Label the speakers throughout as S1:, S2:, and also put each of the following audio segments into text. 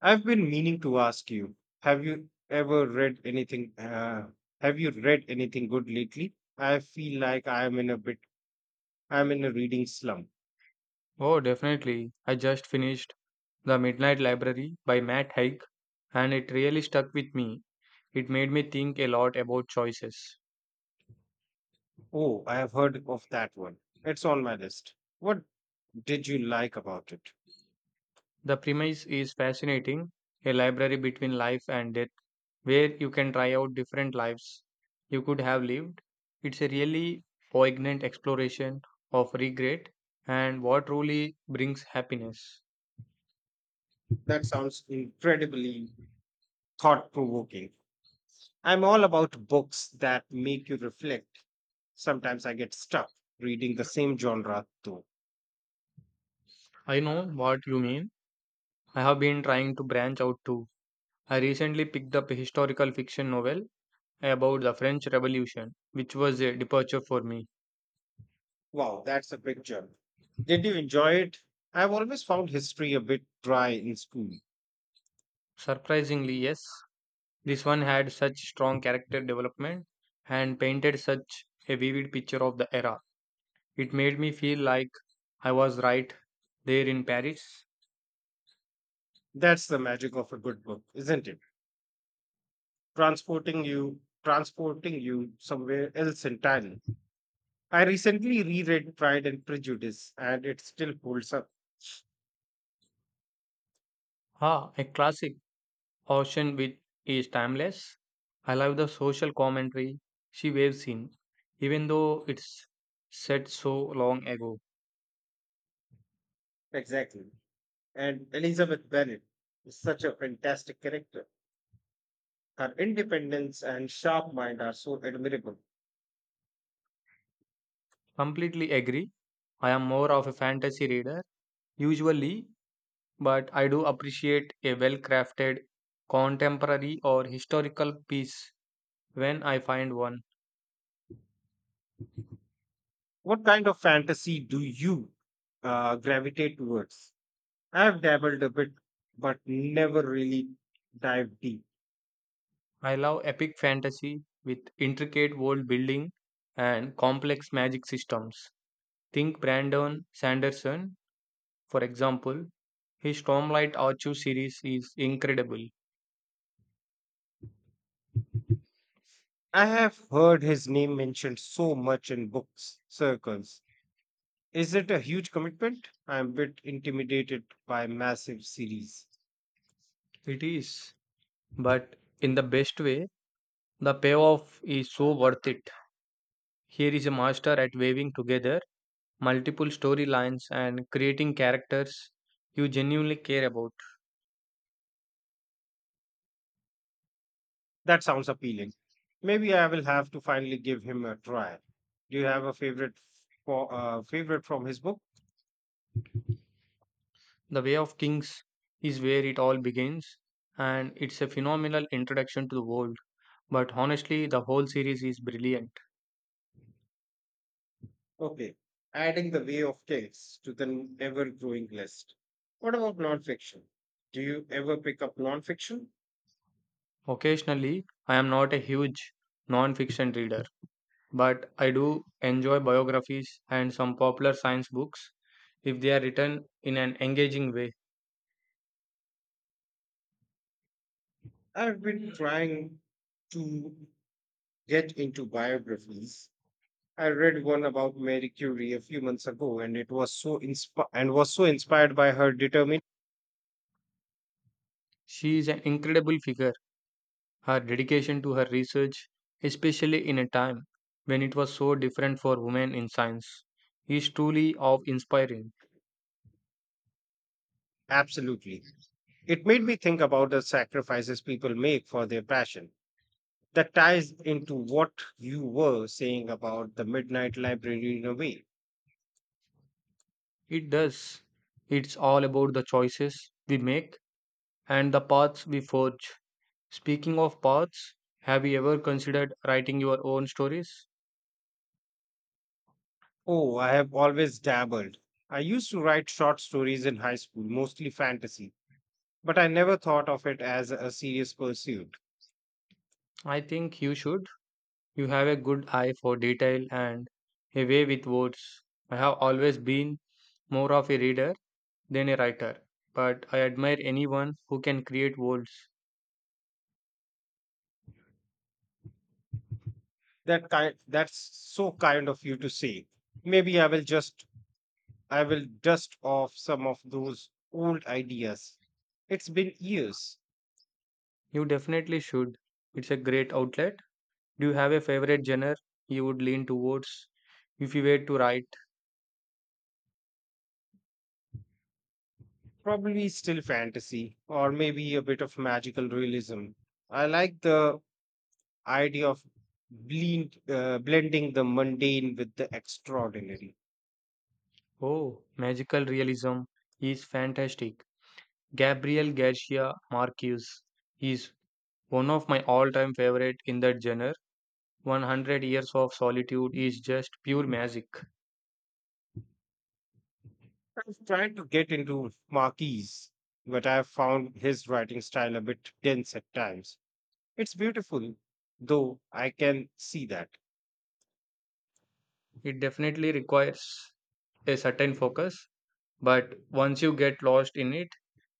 S1: I've been meaning to ask you, have you ever read anything have you read anything good lately? I feel like I'm in a reading slump.
S2: Oh, definitely. I just finished The Midnight Library by Matt Haig, and it really stuck with me. It made me think a lot about choices.
S1: Oh, I have heard of that one. It's on my list. What did you like about it?
S2: The premise is fascinating a library between life and death, where you can try out different lives you could have lived. It's a really poignant exploration of regret and what truly brings happiness.
S1: That sounds incredibly thought-provoking. I'm all about books that make you reflect. Sometimes I get stuck reading the same genre though.
S2: I know what you mean. I have been trying to branch out too. I recently picked up a historical fiction novel about the French Revolution, which was a departure for me.
S1: Wow, that's a big jump. Did you enjoy it? I've always found history a bit dry in school.
S2: Surprisingly, yes, this one had such strong character development and painted such a vivid picture of the era. It made me feel like I was right there in Paris.
S1: That's the magic of a good book, isn't it? Transporting you somewhere else entirely. I recently reread Pride and Prejudice, and it still holds up.
S2: Ah, a classic, ocean which is timeless. I love the social commentary she waves in, even though it's set so long ago.
S1: Exactly. And Elizabeth Bennet is such a fantastic character. Her independence and sharp mind are so admirable.
S2: Completely agree. I am more of a fantasy reader, usually but I do appreciate a well crafted contemporary or historical piece when I find one.
S1: What kind of fantasy do you gravitate towards? I've dabbled a bit, but never really dived deep.
S2: I love epic fantasy with intricate world building and complex magic systems. Think Brandon Sanderson, for example. His Stormlight Archive series is incredible.
S1: I have heard his name mentioned so much in books circles. Is it a huge commitment? I'm a bit intimidated by massive series.
S2: It is, but in the best way, the payoff is so worth it. Here is a master at weaving together multiple storylines, and creating characters you genuinely care about.
S1: That sounds appealing. Maybe I will have to finally give him a try. Do you have a favorite for favorite from his book?
S2: The Way of Kings is where it all begins, and it's a phenomenal introduction to the world. But honestly, the whole series is brilliant.
S1: Okay, adding the Way of Kings to the ever growing list. What about nonfiction? Do you ever pick up nonfiction?
S2: Occasionally, I am not a huge non fiction reader, but I do enjoy biographies and some popular science books if they are written in an engaging way.
S1: I've been trying to get into biographies. I read one about Mary Curie a few months ago and it was so inspi- and was so inspired by her determination.
S2: She is an incredible figure. Her dedication to her research, especially in a time when it was so different for women in science, is truly awe inspiring.
S1: Absolutely. It made me think about the sacrifices people make for their passion. That ties into what you were saying about the midnight library in a way.
S2: It does. It's all about the choices we make and the paths we forge. Speaking of paths, have you ever considered writing your own stories?
S1: Oh, I have always dabbled. I used to write short stories in high school, mostly fantasy, but I never thought of it as a serious pursuit.
S2: I think you should. You have a good eye for detail and a way with words. I have always been more of a reader than a writer, but I admire anyone who can create worlds.
S1: That's so kind of you to say. Maybe I will just I will dust off some of those old ideas. It's been years,
S2: You definitely should. It's a great outlet. Do you have a favorite genre you would lean towards if you were to write?
S1: probably still fantasy, or maybe a bit of magical realism. I like the idea of blending the mundane with the extraordinary.
S2: Oh, magical realism is fantastic. Gabriel Garcia Marquez is one of my all time favorite in that genre. 100 Years of Solitude is just pure magic.
S1: I've tried to get into Marquis, but I've found his writing style a bit dense at times. It's beautiful, though I can see that.
S2: It definitely requires a certain focus, but once you get lost in it,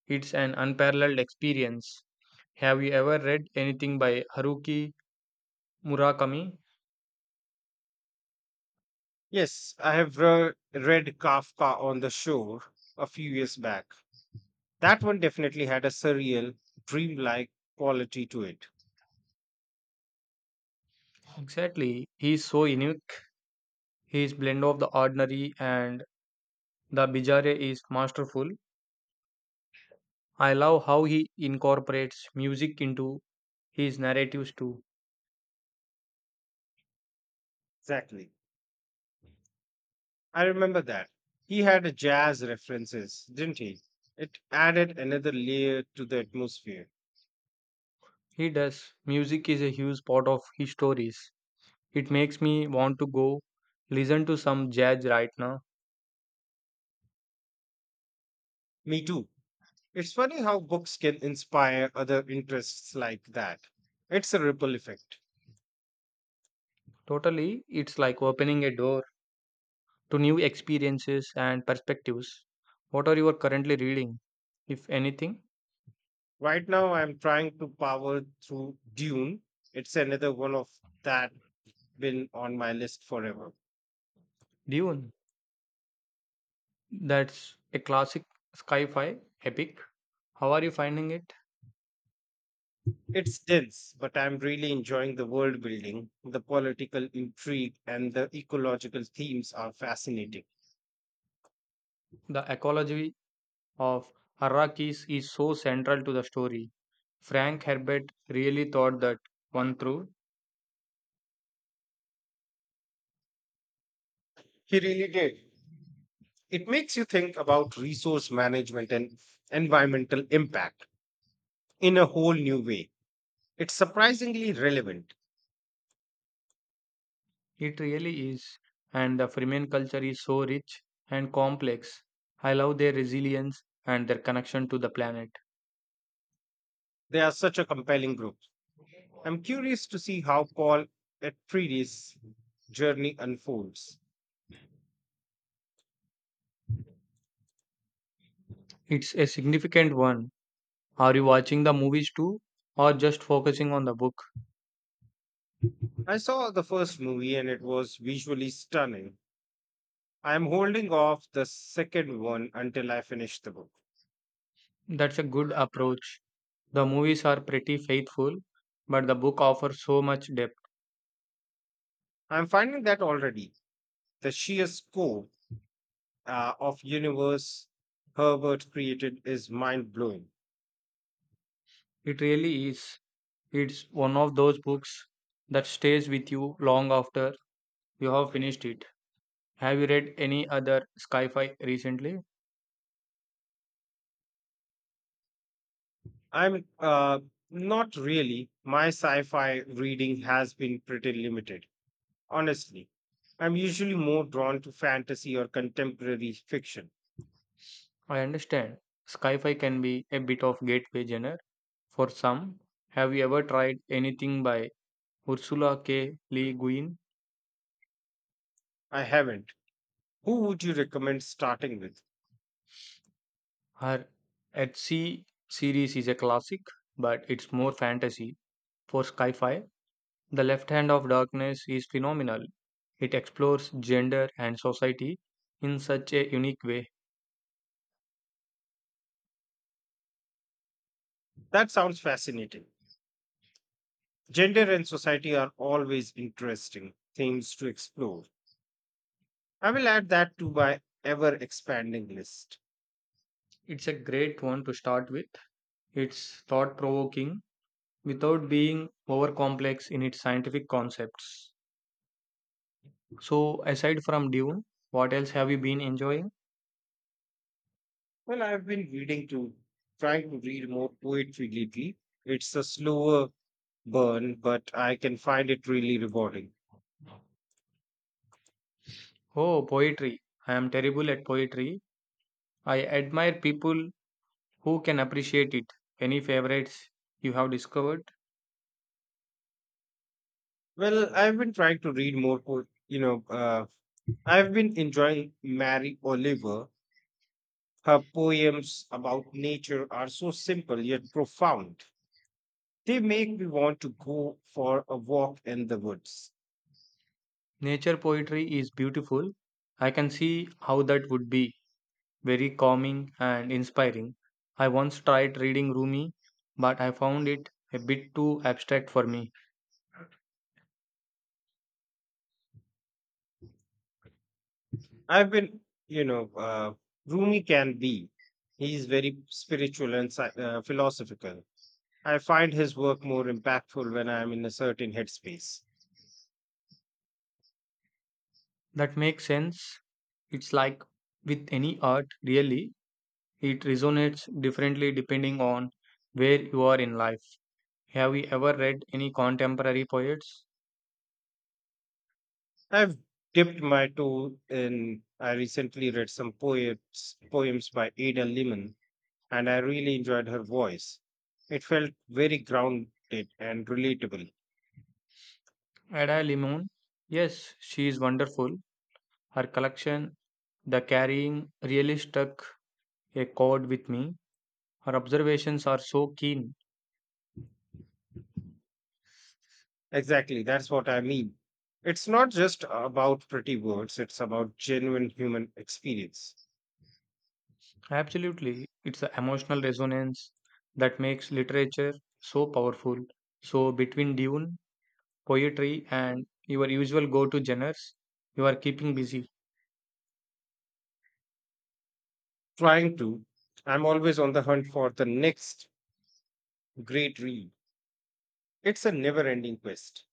S2: it's an unparalleled experience. Have you ever read anything by Haruki Murakami?
S1: Yes, I have read Kafka on the Shore a few years back. That one definitely had a surreal, dreamlike quality to it.
S2: Exactly. He is so unique. His blend of the ordinary and the bizarre is masterful. I love how he incorporates music into his narratives too.
S1: Exactly. I remember that. He had a jazz references, didn't he? It added another layer to the atmosphere.
S2: He does. Music is a huge part of his stories. It makes me want to go listen to some jazz right now.
S1: Me too. It's funny how books can inspire other interests like that. It's a ripple effect.
S2: Totally, it's like opening a door to new experiences and perspectives. What are you currently reading, if anything?
S1: Right now, I'm trying to power through Dune. It's another one of that been on my list forever.
S2: Dune. That's a classic sci fi epic. How are you finding it?
S1: It's dense, but I'm really enjoying the world building. The political intrigue and the ecological themes are fascinating.
S2: The ecology of Arrakis is so central to the story. Frank Herbert really thought that one through.
S1: He really did. It makes you think about resource management and environmental impact in a whole new way. It's surprisingly relevant.
S2: It really is. And the Fremen culture is so rich and complex. I love their resilience and their connection to the planet.
S1: They are such a compelling group. I'm curious to see how Paul Atreides' journey unfolds.
S2: It's a significant one. Are you watching the movies too, or just focusing on the book?
S1: I saw the first movie and it was visually stunning. I am holding off the second one until I finish the book.
S2: That's a good approach. The movies are pretty faithful, but the book offers so much depth.
S1: I'm finding that already the sheer scope of universe Herbert created is mind blowing.
S2: It really is. It's one of those books that stays with you long after you have finished it. Have you read any other sci fi recently?
S1: I'm not really. My sci-fi reading has been pretty limited, honestly. I'm usually more drawn to fantasy or contemporary fiction.
S2: I understand. Sci fi can be a bit of gateway genre for some. Have you ever tried anything by Ursula K. Le Guin?
S1: I haven't. Who would you recommend starting with?
S2: Her At Sea series is a classic, but it's more fantasy for sci fi. The Left Hand of Darkness is phenomenal. It explores gender and society in such a unique way.
S1: That sounds fascinating. Gender and society are always interesting themes to explore. I will add that to my ever expanding list.
S2: It's a great one to start with. It's thought provoking without being over complex in its scientific concepts. So, aside from Dune, what else have you been enjoying?
S1: Well, I've been reading to trying to read more poetry lately. It's a slower burn, but I can find it really rewarding.
S2: Oh, poetry. I am terrible at poetry. I admire people who can appreciate it. Any favorites you have discovered?
S1: Well, I've been trying to read more, I've been enjoying Mary Oliver. Her poems about nature are so simple yet profound. They make me want to go for a walk in the woods.
S2: Nature poetry is beautiful. I can see how that would be very calming and inspiring. I once tried reading Rumi, but I found it a bit too abstract for me.
S1: I've been, you know, Rumi can be. He's very spiritual and philosophical. I find his work more impactful when I'm in a certain headspace.
S2: That makes sense. It's like with any art, really, it resonates differently depending on where you are in life. Have you ever read any contemporary poets?
S1: I've dipped my toe in. I recently read some poems by Ada Lehman, and I really enjoyed her voice. It felt very grounded and relatable.
S2: Ada Limon? Yes, she is wonderful. Her collection, The Carrying, really struck a chord with me. Her observations are so keen.
S1: Exactly, that's what I mean. It's not just about pretty words, it's about genuine human experience.
S2: Absolutely. It's the emotional resonance that makes literature so powerful. So, between Dune, poetry, and your usual go to genres, you are keeping busy.
S1: Trying to, I'm always on the hunt for the next great read. It's a never ending quest.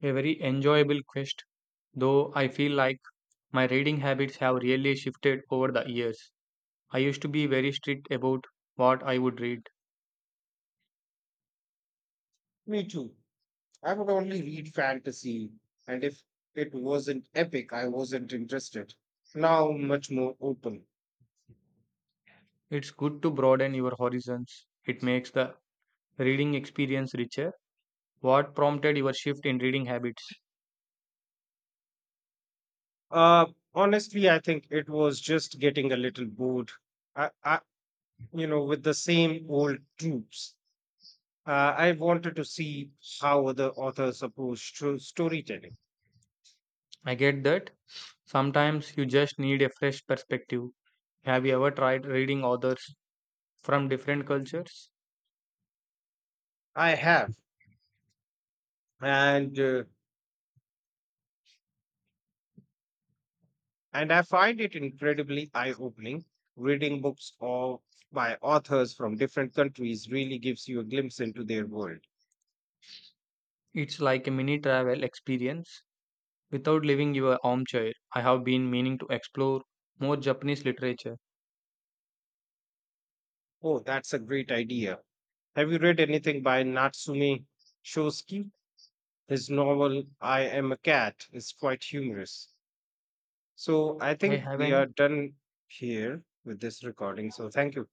S2: A very enjoyable quest, though I feel like my reading habits have really shifted over the years. I used to be very strict about what I would read.
S1: Me too. I would only read fantasy, and if it wasn't epic, I wasn't interested. Now, much more open.
S2: It's good to broaden your horizons, it makes the reading experience richer. What prompted your shift in reading habits?
S1: Uh, Honestly, I think it was just getting a little bored. I, I, with the same old tropes. I wanted to see how other authors approach to storytelling.
S2: I get that. Sometimes you just need a fresh perspective. Have you ever tried reading authors from different cultures?
S1: I have, and uh, and I find it incredibly eye-opening. Reading books of by authors from different countries really gives you a glimpse into their world.
S2: It's like a mini travel experience without leaving your armchair. I have been meaning to explore more Japanese literature.
S1: Oh, that's a great idea. Have you read anything by Natsume Shosky? His novel, I Am a Cat, is quite humorous. So I
S2: I
S1: think we are
S2: haven't
S1: done here with this recording. So thank you.